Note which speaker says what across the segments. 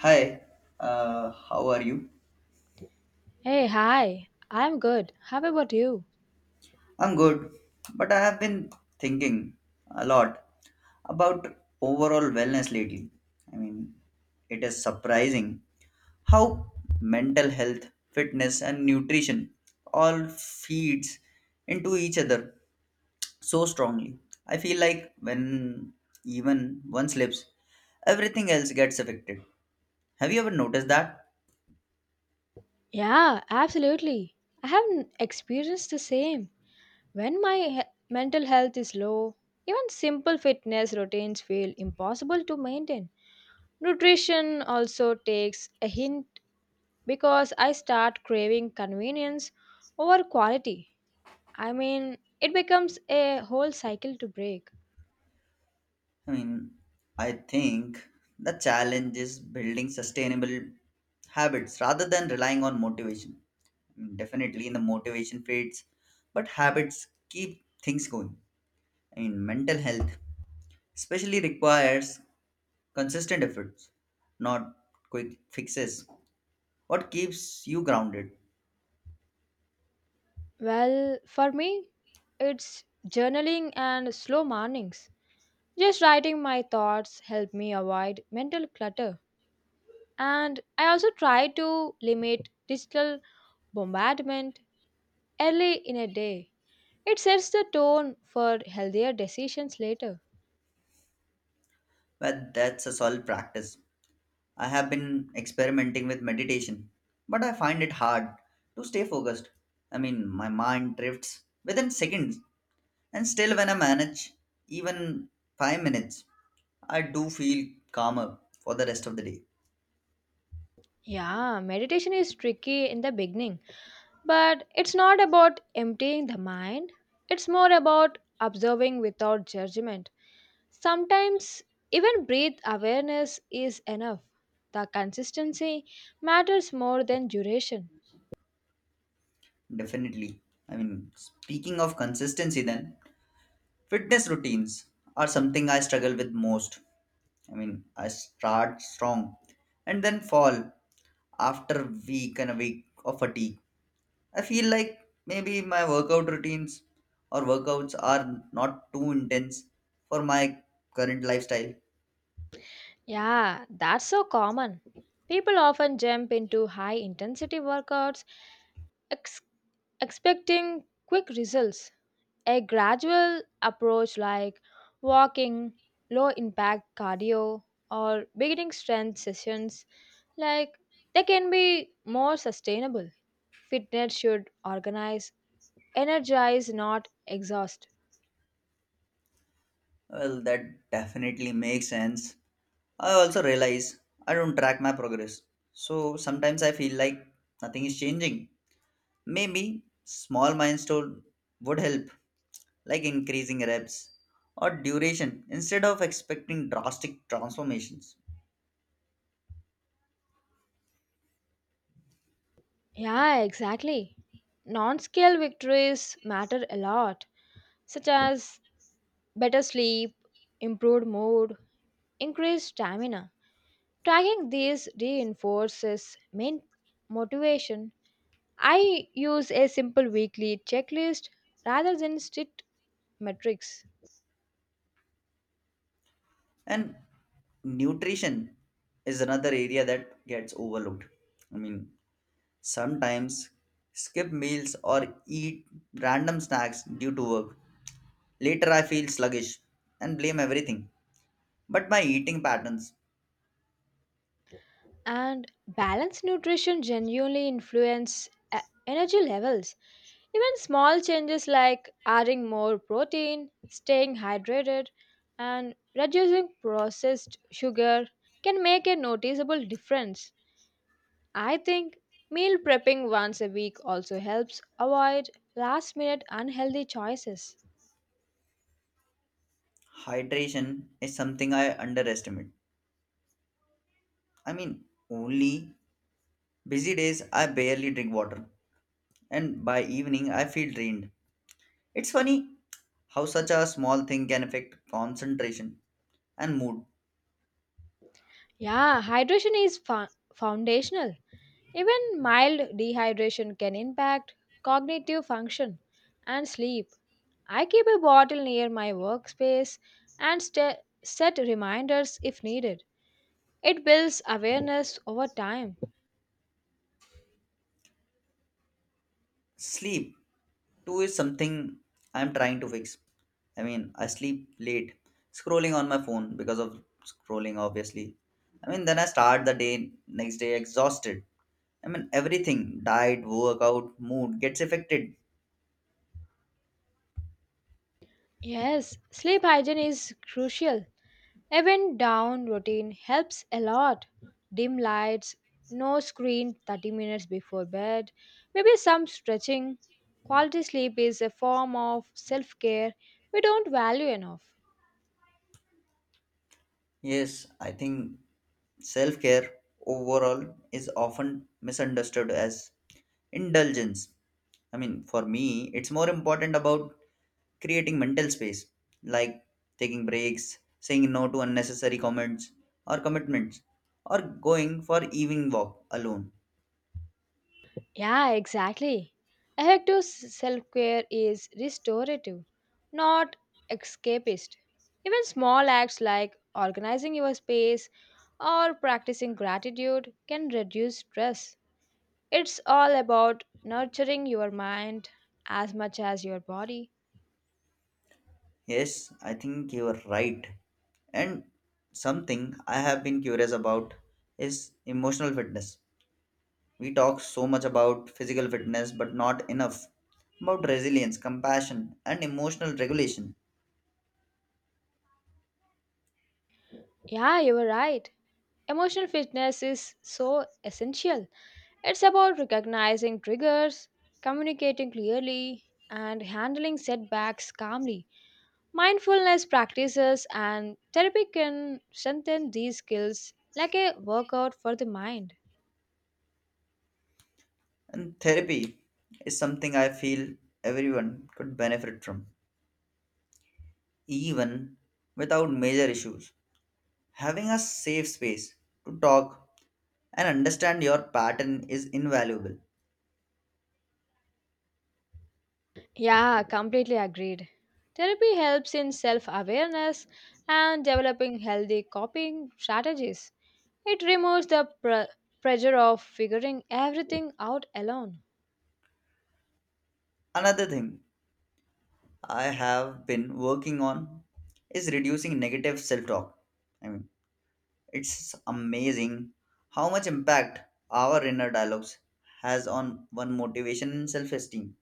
Speaker 1: Hi, how are you?
Speaker 2: Hey, hi. I'm good. How about you?
Speaker 1: I'm good, but I have been thinking a lot about overall wellness lately. I mean, it is surprising how mental health, fitness, and nutrition all feeds into each other so strongly. I feel like when even one slips, everything else gets affected. Have you ever noticed that?
Speaker 2: Yeah, absolutely. I have experienced the same. When my mental health is low, even simple fitness routines feel impossible to maintain. Nutrition also takes a hint because I start craving convenience over quality. I mean, it becomes a whole cycle to break.
Speaker 1: I mean, I think the challenge is building sustainable habits rather than relying on motivation. Definitely, the motivation fades, but habits keep things going. I mean, mental health especially requires consistent efforts, not quick fixes. What keeps you grounded?
Speaker 2: Well, for me, it's journaling and slow mornings. Just writing my thoughts help me avoid mental clutter. And I also try to limit digital bombardment early in a day. It sets the tone for healthier decisions later.
Speaker 1: Well, that's a solid practice. I have been experimenting with meditation, but I find it hard to stay focused. I mean, my mind drifts within seconds, and still, when I manage even 5 minutes, I do feel calmer for the rest of the day.
Speaker 2: Yeah, meditation is tricky in the beginning, but it's not about emptying the mind. It's more about observing without judgment. Sometimes even breath awareness is enough. The consistency matters more than duration.
Speaker 1: Definitely. I mean, speaking of consistency, then, fitness routines are something I struggle with most. I mean, I start strong and then fall after week and a week of fatigue. I feel like maybe my workout routines or workouts are not too intense for my current lifestyle.
Speaker 2: Yeah, that's so common. People often jump into high intensity workouts ex- expecting quick results. A gradual approach like walking, low impact cardio, or beginning strength sessions like they can be more sustainable. Fitness should organize, energize, not exhaust.
Speaker 1: Well, that definitely makes sense. I also realize I don't track my progress. So sometimes I feel like nothing is changing. Maybe small milestone would help, like increasing reps or duration instead of expecting drastic transformations.
Speaker 2: Yeah, exactly. Non scale victories matter a lot, such as better sleep, improved mood, increased stamina. Tracking these reinforces main motivation. I use a simple weekly checklist rather than strict metrics.
Speaker 1: And nutrition is another area that gets overlooked. I mean, sometimes skip meals or eat random snacks due to work. Later, I feel sluggish and blame everything. But my eating patterns,
Speaker 2: And balanced nutrition genuinely influence e- energy levels. Even small changes like adding more protein, staying hydrated, and reducing processed sugar can make a noticeable difference. I think meal prepping once a week also helps avoid last minute unhealthy choices.
Speaker 1: hydration is something I underestimate. I mean, only busy days I barely drink water, and by evening I feel drained. It's funny how such a small thing can affect concentration and mood.
Speaker 2: Yeah, hydration is foundational. Even mild dehydration can impact cognitive function and sleep. I keep a bottle near my workspace and sta set reminders if needed. It builds awareness over time.
Speaker 1: Sleep too is something I'm trying to fix. I mean, I sleep late, scrolling on my phone because of scrolling, obviously. I mean, then I start the day next day exhausted. I mean, everything diet, workout, mood gets affected.
Speaker 2: Yes, sleep hygiene is crucial. Even down routine helps a lot. Dim lights, no screen 30 minutes before bed, maybe some stretching. Quality sleep is a form of self care we don't value enough.
Speaker 1: Yes, I think self care overall is often misunderstood as indulgence. I mean, for me, it's more important about creating mental space like taking breaks, saying no to unnecessary comments or commitments, or going for evening walk alone.
Speaker 2: Yeah, exactly. Effective self care is restorative, not escapist. Even small acts like organizing your space or practicing gratitude can reduce stress. It's all about nurturing your mind as much as your body.
Speaker 1: Yes, I think you are right. And something I have been curious about is emotional fitness. We talk so much about physical fitness, but not enough about resilience, compassion, and emotional regulation.
Speaker 2: Yeah, you were right. Emotional fitness is so essential. It's about recognizing triggers, communicating clearly, and handling setbacks calmly. Mindfulness practices and therapy can strengthen these skills like a workout for the mind.
Speaker 1: And therapy is something I feel everyone could benefit from, even without major issues. Having a safe space to talk and understand your pattern is invaluable.
Speaker 2: Yeah, completely agreed. Therapy helps in self awareness and developing healthy coping strategies. It removes the pressure of figuring everything out alone.
Speaker 1: Another thing I have been working on is reducing negative self talk. I mean, it's amazing how much impact our inner dialogues has on one motivation and self esteem.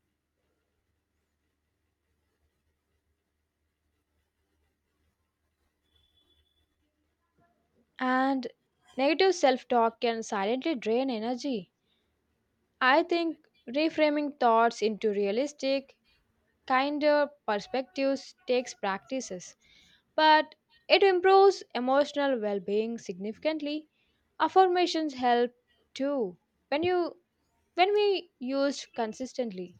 Speaker 2: And negative self talk can silently drain energy. I think reframing thoughts into realistic, kinder perspectives takes practices, but it improves emotional well being significantly. Affirmations help too when you when we used consistently.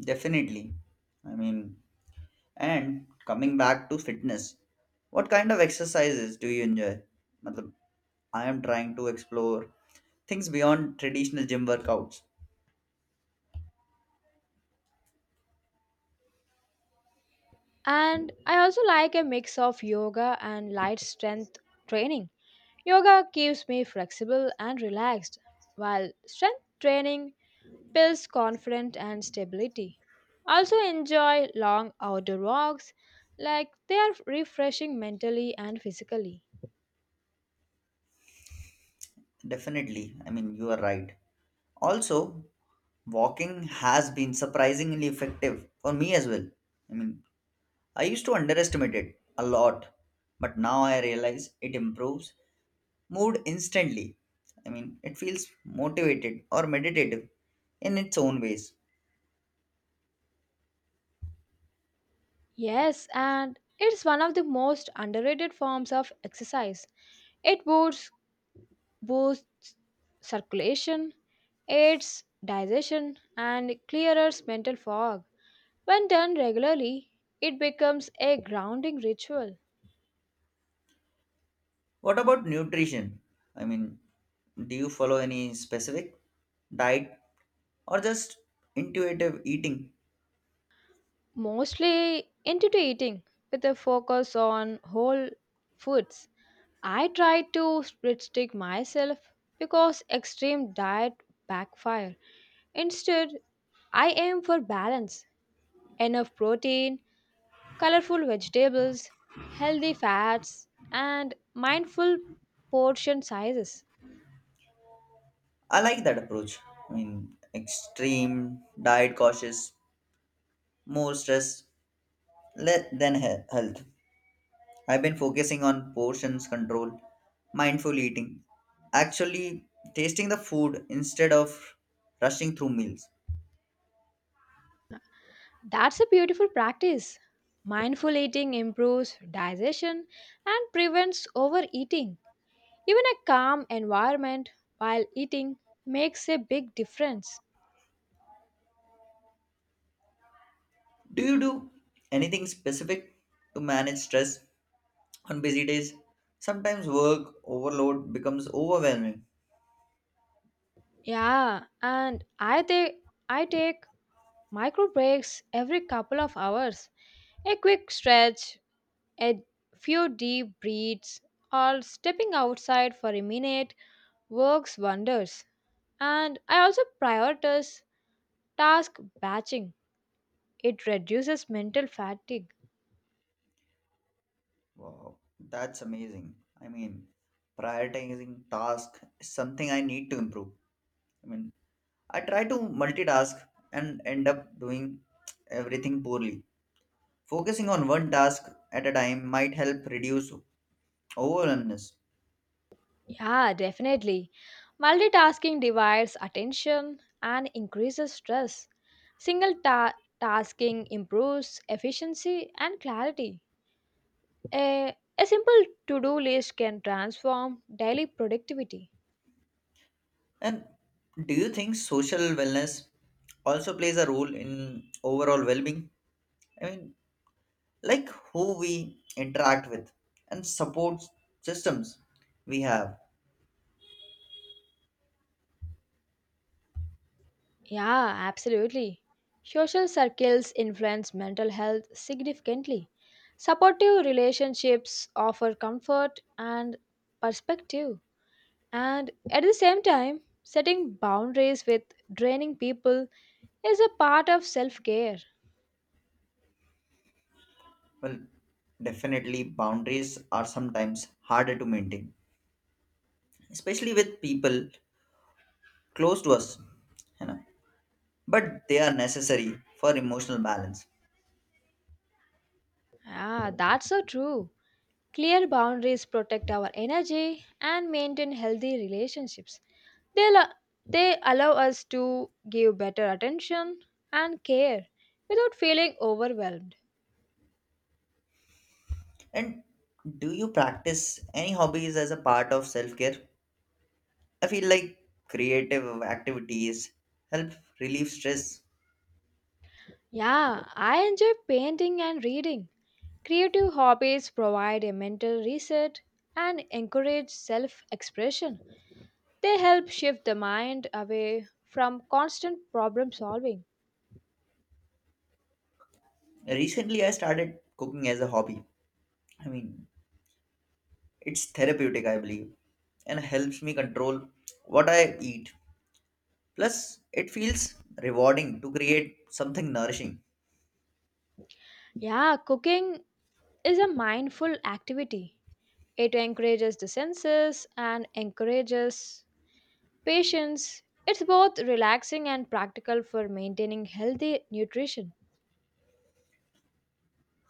Speaker 1: Definitely. I mean, and coming back to fitness, what kind of exercises do you enjoy? मतलब I am trying to explore things beyond traditional gym workouts.
Speaker 2: And I also like a mix of yoga and light strength training. Yoga keeps me flexible and relaxed, while strength training builds confidence and stability. I also enjoy long outdoor walks, like they are refreshing mentally and physically.
Speaker 1: Definitely, I mean, you are right. Also, walking has been surprisingly effective for me as well. I mean, I used to underestimate it a lot, but now I realize it improves mood instantly. I mean, it feels motivated or meditative in its own ways.
Speaker 2: Yes, and it's one of the most underrated forms of exercise. It boosts circulation, aids digestion, and clears mental fog. When done regularly, it becomes a grounding ritual,
Speaker 1: What about nutrition? I mean, do you follow any specific diet or just intuitive eating?
Speaker 2: mostly intuitive eating with a focus on whole foods. I try to restrict myself because extreme diet backfire. Instead, I aim for balance, enough protein, colorful vegetables, healthy fats, and mindful portion sizes.
Speaker 1: I like that approach. I mean, extreme diet cautious, more stress le- than he- health. I've been focusing on portions control, mindful eating, actually tasting the food instead of rushing through meals.
Speaker 2: That's a beautiful practice. Mindful eating improves digestion and prevents overeating. Even a calm environment while eating makes a big difference.
Speaker 1: Do you do anything specific to manage stress on busy days? Sometimes work overload becomes overwhelming.
Speaker 2: Yeah, and I take micro breaks every couple of hours. A quick stretch a few deep breaths, or stepping outside for a minute works wonders. And I also prioritize task batching, it reduces mental fatigue.
Speaker 1: Wow, that's amazing. I mean, prioritizing task is something I need to improve. I mean, I try to multitask and end up doing everything poorly. Focusing on one task at a time might help reduce overwhelmness.
Speaker 2: Yeah, definitely. Multitasking divides attention and increases stress. Single tasking improves efficiency and clarity. A simple to do list can transform daily productivity.
Speaker 1: And do you think social wellness also plays a role in overall well-being? I mean, like who we interact with and support systems we have.
Speaker 2: Yeah, absolutely. Social circles influence mental health significantly. Supportive relationships offer comfort and perspective. And at the same time, setting boundaries with draining people is a part of self care.
Speaker 1: Well, definitely boundaries are sometimes harder to maintain, especially with people close to us, you know. But they are necessary for emotional balance.
Speaker 2: Ah, that's so true. Clear boundaries protect our energy and maintain healthy relationships. They, allo- they allow us to give better attention and care without feeling overwhelmed.
Speaker 1: And do you practice any hobbies as a part of self-care? I feel like creative activities help relieve stress.
Speaker 2: Yeah, I enjoy painting and reading. Creative hobbies provide a mental reset and encourage self expression. They help shift the mind away from constant problem solving.
Speaker 1: Recently, I started cooking as a hobby. I mean, it's therapeutic, I believe, and helps me control what I eat. Plus, it feels rewarding to create something nourishing.
Speaker 2: Yeah, cooking is a mindful activity. It encourages the senses and encourages patience, it's both relaxing and practical for maintaining healthy nutrition.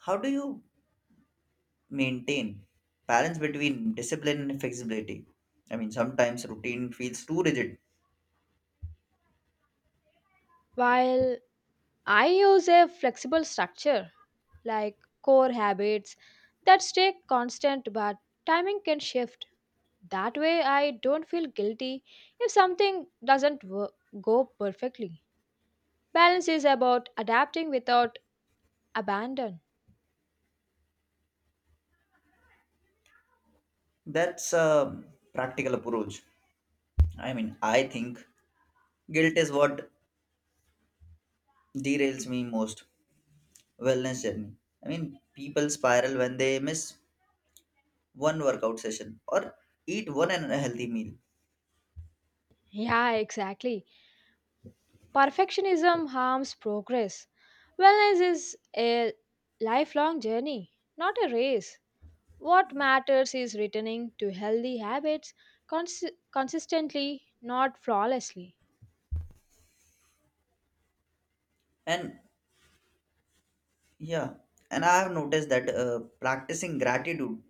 Speaker 1: How do you maintain balance between discipline and flexibility? I mean, sometimes routine feels too rigid.
Speaker 2: While I use a flexible structure like core habits that stay constant but timing can shift. That way, I don't feel guilty if something doesn't go perfectly. Balance is about adapting without abandon.
Speaker 1: That's a practical approach. I mean, I think guilt is what derails me most. Wellness journey. I mean, people spiral when they miss one workout session or eat one unhealthy meal.
Speaker 2: Yeah, exactly. Perfectionism harms progress. Wellness is a lifelong journey, not a race. What matters is returning to healthy habits cons- consistently, not flawlessly.
Speaker 1: And yeah, and I have noticed that practicing gratitude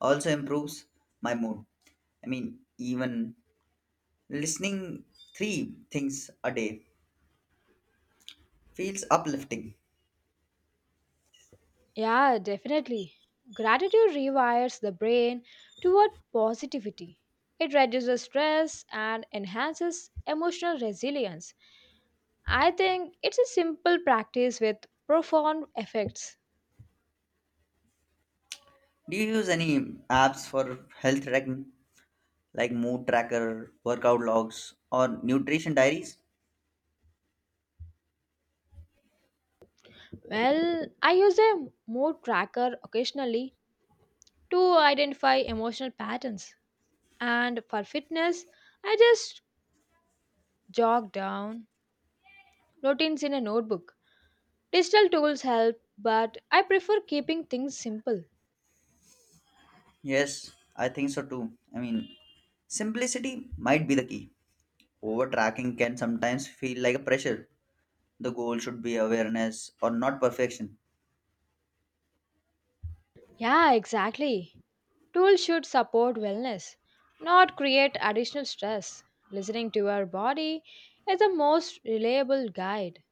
Speaker 1: also improves my mood. I mean, even listening three things a day feels uplifting.
Speaker 2: Yeah, definitely. Gratitude rewires the brain toward positivity. It reduces stress and enhances emotional resilience. I think it's a simple practice with profound effects.
Speaker 1: Do you use any apps for health tracking, like mood tracker, workout logs, or nutrition diaries?
Speaker 2: Well, I use a mood tracker occasionally to identify emotional patterns. And for fitness, I just jog down routines in a notebook. Digital tools help, but I prefer keeping things simple.
Speaker 1: Yes, I think so too. I mean, simplicity might be the key. Over tracking can sometimes feel like a pressure. The goal should be awareness or not perfection.
Speaker 2: Yeah, exactly. Tools should support wellness, not create additional stress. Listening to your body is the most reliable guide.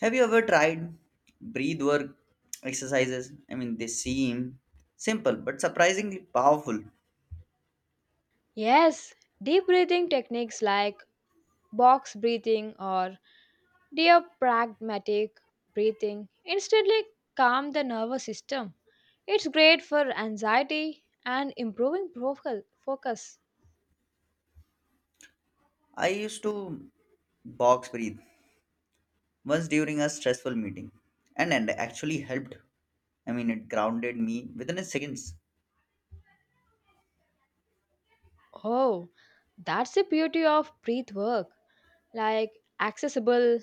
Speaker 1: Have you ever tried breath work exercises? I mean, they seem simple but surprisingly powerful.
Speaker 2: Yes, deep breathing techniques like box breathing or dear pragmatic breathing instantly calm the nervous system. It's great for anxiety and improving focal focus.
Speaker 1: I used to box breathe once during a stressful meeting, and, actually helped. I mean, it grounded me within a seconds.
Speaker 2: Oh, that's the beauty of breath work. Like accessible,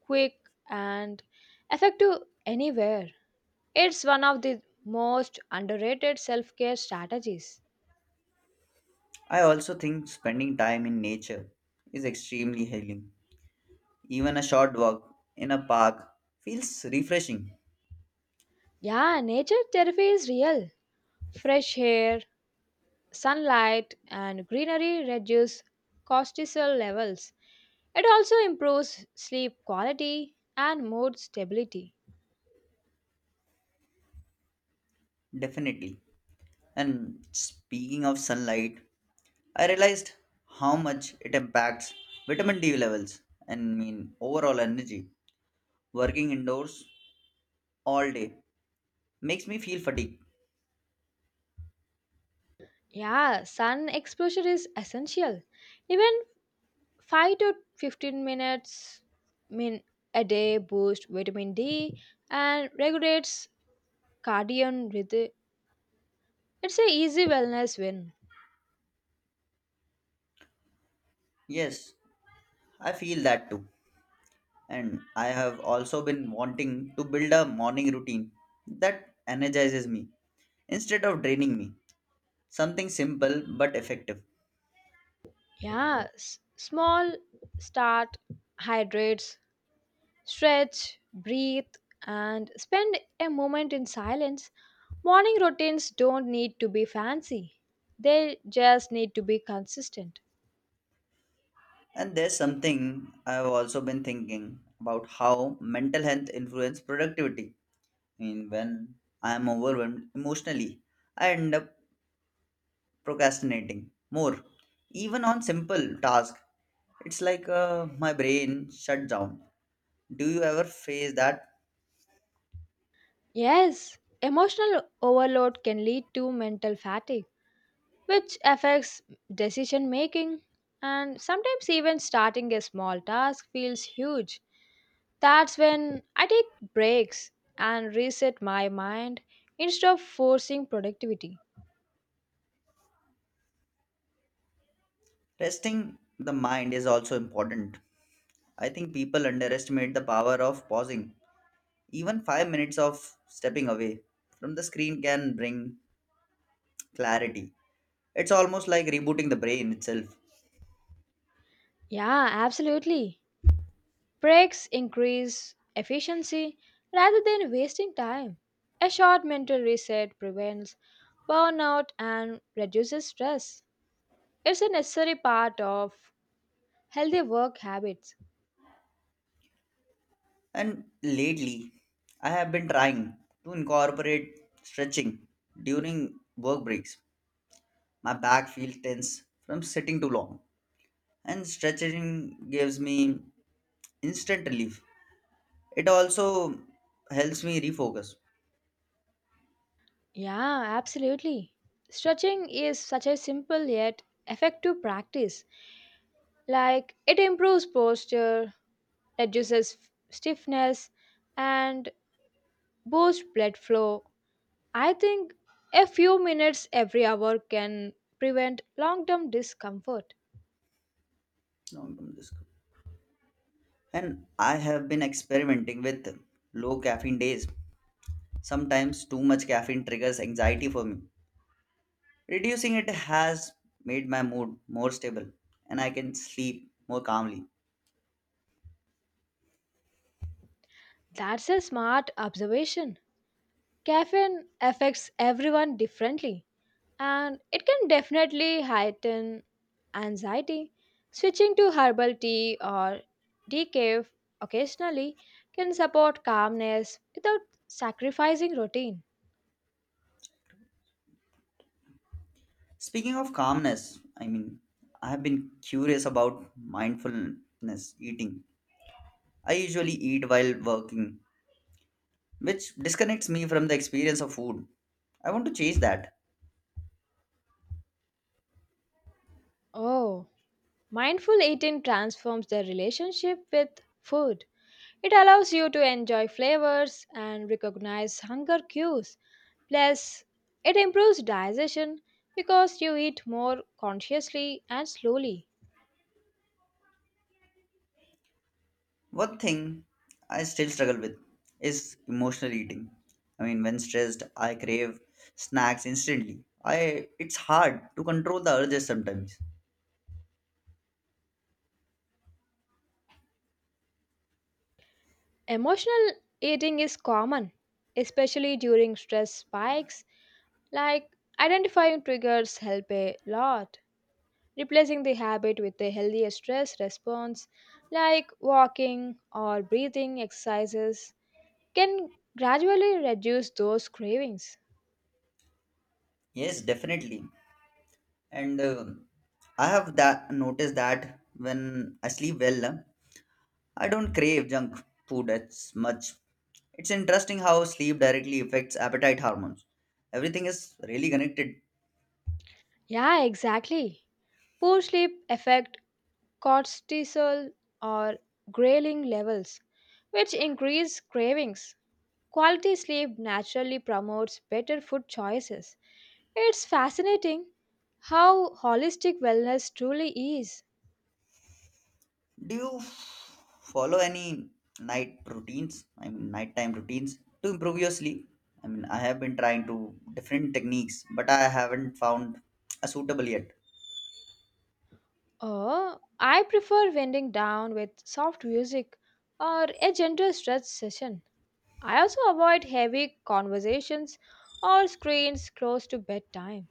Speaker 2: quick and effective anywhere. It's one of the most underrated self-care strategies.
Speaker 1: I also think spending time in nature is extremely healing. Even a short walk in a park feels refreshing,
Speaker 2: Yeah, nature therapy is real. Fresh air, sunlight and greenery reduce cortisol levels. It also improves sleep quality and mood stability.
Speaker 1: definitely. And speaking of sunlight, I realized how much it impacts vitamin D levels and mean overall energy. Working indoors all day makes me feel fatigued.
Speaker 2: Yeah, sun exposure is essential. Even 5 to 15 minutes min a day boosts vitamin D and regulates cardiac rhythm. It's a easy wellness win.
Speaker 1: Yes, I feel that too. And I have also been wanting to build a morning routine that energizes me instead of draining me. Something simple but effective.
Speaker 2: Yeah, small start hydrates, stretch, breathe, and spend a moment in silence. Morning routines don't need to be fancy, they just need to be consistent.
Speaker 1: And there's something I've also been thinking about how mental health influence productivity. I mean, when I am overwhelmed emotionally, I end up procrastinating more, even on simple tasks. It's like my brain shut down. Do you ever face that?
Speaker 2: Yes, emotional overload can lead to mental fatigue, which affects decision making, and sometimes even starting a small task feels huge. That's when I take breaks and reset my mind instead of forcing productivity.
Speaker 1: Resting the mind is also important. I think people underestimate the power of pausing. Even 5 minutes of stepping away from the screen can bring clarity. It's almost like rebooting the brain itself.
Speaker 2: Yeah, absolutely. Breaks increase efficiency rather than wasting time. A short mental reset prevents burnout and reduces stress. It's a necessary part of healthy work habits.
Speaker 1: And lately, I have been trying to incorporate stretching during work breaks. My back feels tense from sitting too long, and stretching gives me instant relief. It also helps me refocus.
Speaker 2: Yeah, absolutely. Stretching is such a simple yet effective practice. Like it improves posture, reduces stiffness, and boosts blood flow. I think a few minutes every hour can prevent long term discomfort.
Speaker 1: Long-term risk. And I have been experimenting with low caffeine days. Sometimes too much caffeine triggers anxiety for me. Reducing it has made my mood more stable, and I can sleep more calmly.
Speaker 2: That's a smart observation. Caffeine affects everyone differently, and it can definitely heighten anxiety. Switching to herbal tea or decaf occasionally can support calmness without sacrificing routine.
Speaker 1: Speaking of calmness, I mean, I have been curious about mindfulness eating. I usually eat while working, which disconnects me from the experience of food. I want to change that.
Speaker 2: Oh, mindful eating transforms the relationship with food. It allows you to enjoy flavors and recognize hunger cues. Plus, it improves digestion because you eat more consciously and slowly.
Speaker 1: One thing I still struggle with is emotional eating. I mean, when stressed, I crave snacks instantly. I it's hard to control the urges sometimes.
Speaker 2: Emotional eating is common, especially during stress spikes, like identifying triggers help a lot. Replacing the habit with a healthier stress response, like walking or breathing exercises, can gradually reduce those cravings.
Speaker 1: Yes, definitely. And I have that noticed that when I sleep well, I don't crave junk food as much. It's interesting how sleep directly affects appetite hormones. Everything is really connected.
Speaker 2: Yeah, exactly. Poor sleep affect cortisol or ghrelin levels, which increase cravings. Quality sleep naturally promotes better food choices. It's fascinating how holistic wellness truly is.
Speaker 1: Do you follow any night routines? I mean, nighttime routines to improve your sleep? I mean, I have been trying to different techniques, but I haven't found a suitable yet.
Speaker 2: Oh, I prefer winding down with soft music or a gentle stretch session. I also avoid heavy conversations or screens close to bedtime.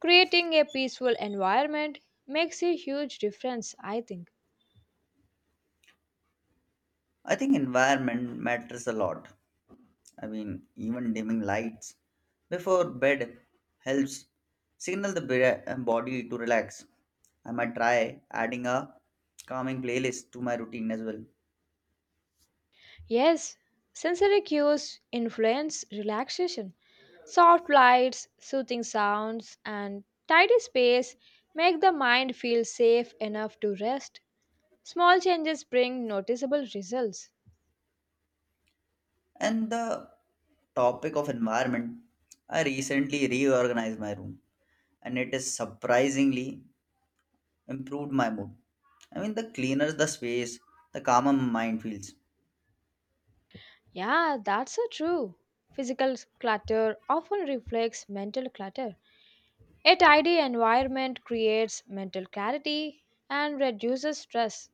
Speaker 2: Creating a peaceful environment makes a huge difference, I think.
Speaker 1: I think environment matters a lot. I mean, even dimming lights before bed helps signal the body to relax. I might try adding a calming playlist to my routine as well.
Speaker 2: Yes, sensory cues influence relaxation. Soft lights, soothing sounds, and tidy space make the mind feel safe enough to rest. Small changes bring noticeable results.
Speaker 1: And the topic of environment, I recently reorganized my room and it has surprisingly improved my mood. I mean, the cleaner the space, the calmer my mind feels.
Speaker 2: Yeah, that's so true. Physical clutter often reflects mental clutter. A tidy environment creates mental clarity and reduces stress.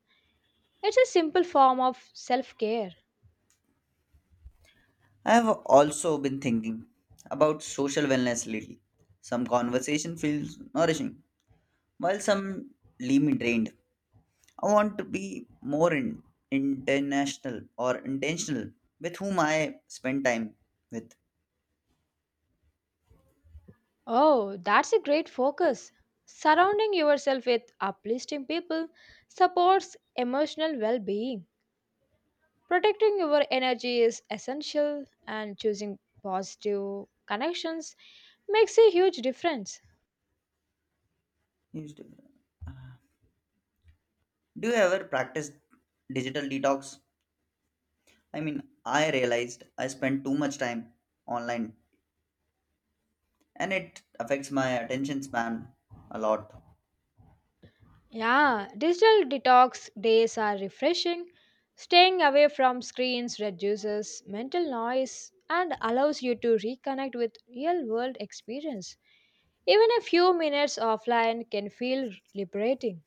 Speaker 2: It's a simple form of self care.
Speaker 1: I have also been thinking about social wellness lately. Some conversation feels nourishing while some leave me drained, I want to be more international or intentional with whom I spend time with.
Speaker 2: Oh, that's a great focus. Surrounding yourself with uplifting people supports emotional well being. Protecting your energy is essential, and choosing positive connections makes a huge difference.
Speaker 1: Do you ever practice digital detox? I mean, I realized I spend too much time online and it affects my attention span a lot.
Speaker 2: Yeah, digital detox days are refreshing. Staying away from screens reduces mental noise and allows you to reconnect with real world experience. Even a few minutes offline can feel liberating.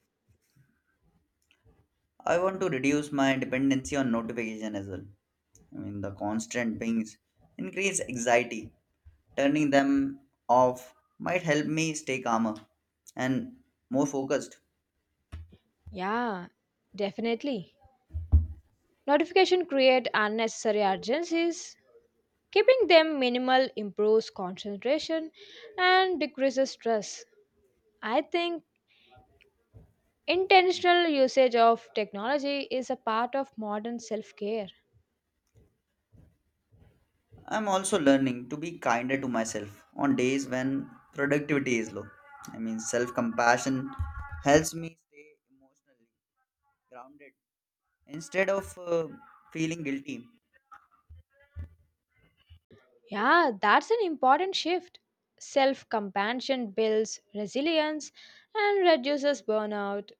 Speaker 1: I want to reduce my dependency on notification as well. I mean, the constant pings increase anxiety. Turning them off might help me stay calmer and more focused.
Speaker 2: Yeah, definitely. Notification create unnecessary urgencies. Keeping them minimal improves concentration and decreases stress. I think intentional usage of technology is a part of modern self-care.
Speaker 1: I'm also learning to be kinder to myself on days when productivity is low. I mean, self compassion helps me stay emotionally grounded instead of feeling guilty.
Speaker 2: Yeah, that's an important shift. Self-compassion builds resilience and reduces burnout.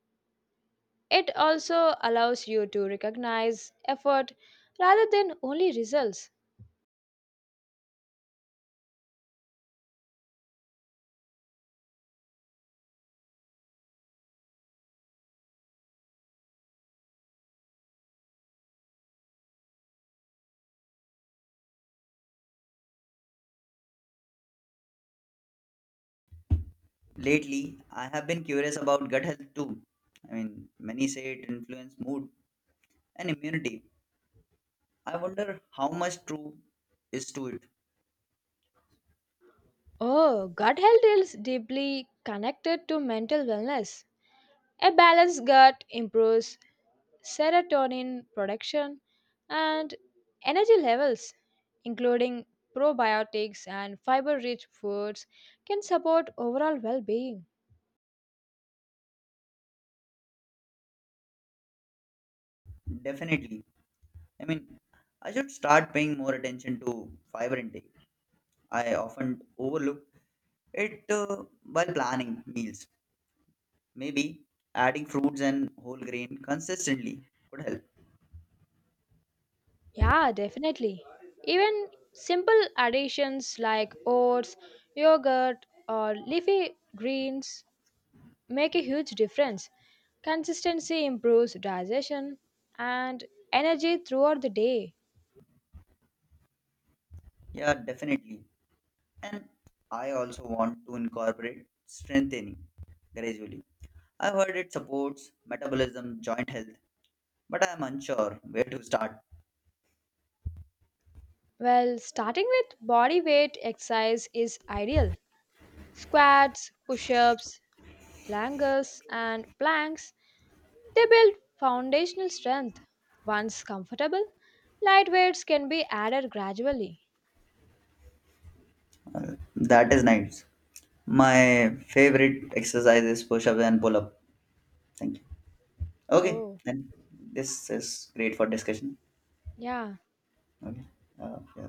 Speaker 2: It also allows you to recognize effort rather than only results.
Speaker 1: Lately, I have been curious about gut health too. I mean, many say it influences mood and immunity. I wonder how much true is to it.
Speaker 2: Oh, gut health is deeply connected to mental wellness. A balanced gut improves serotonin production and energy levels, including probiotics and fiber rich foods, can support overall well being.
Speaker 1: Definitely. I mean, I should start paying more attention to fiber intake. I often overlook it while planning meals. Maybe adding fruits and whole grain consistently could help.
Speaker 2: Yeah, definitely. Even simple additions like oats, yogurt, or leafy greens make a huge difference. Consistency improves digestion and energy throughout the day.
Speaker 1: Yeah, definitely. And I also want to incorporate strengthening gradually. I've heard it supports metabolism, joint health, but I'm unsure where to start.
Speaker 2: Well, starting with body weight exercise is ideal. Squats, push ups, lunges, and planks they build foundational strength. Once comfortable, light weights can be added gradually.
Speaker 1: That is nice. My favorite exercise is push up and pull up. Thank you. Okay,
Speaker 2: Oh.
Speaker 1: then this is great for discussion.
Speaker 2: Yeah,
Speaker 1: Okay, yeah,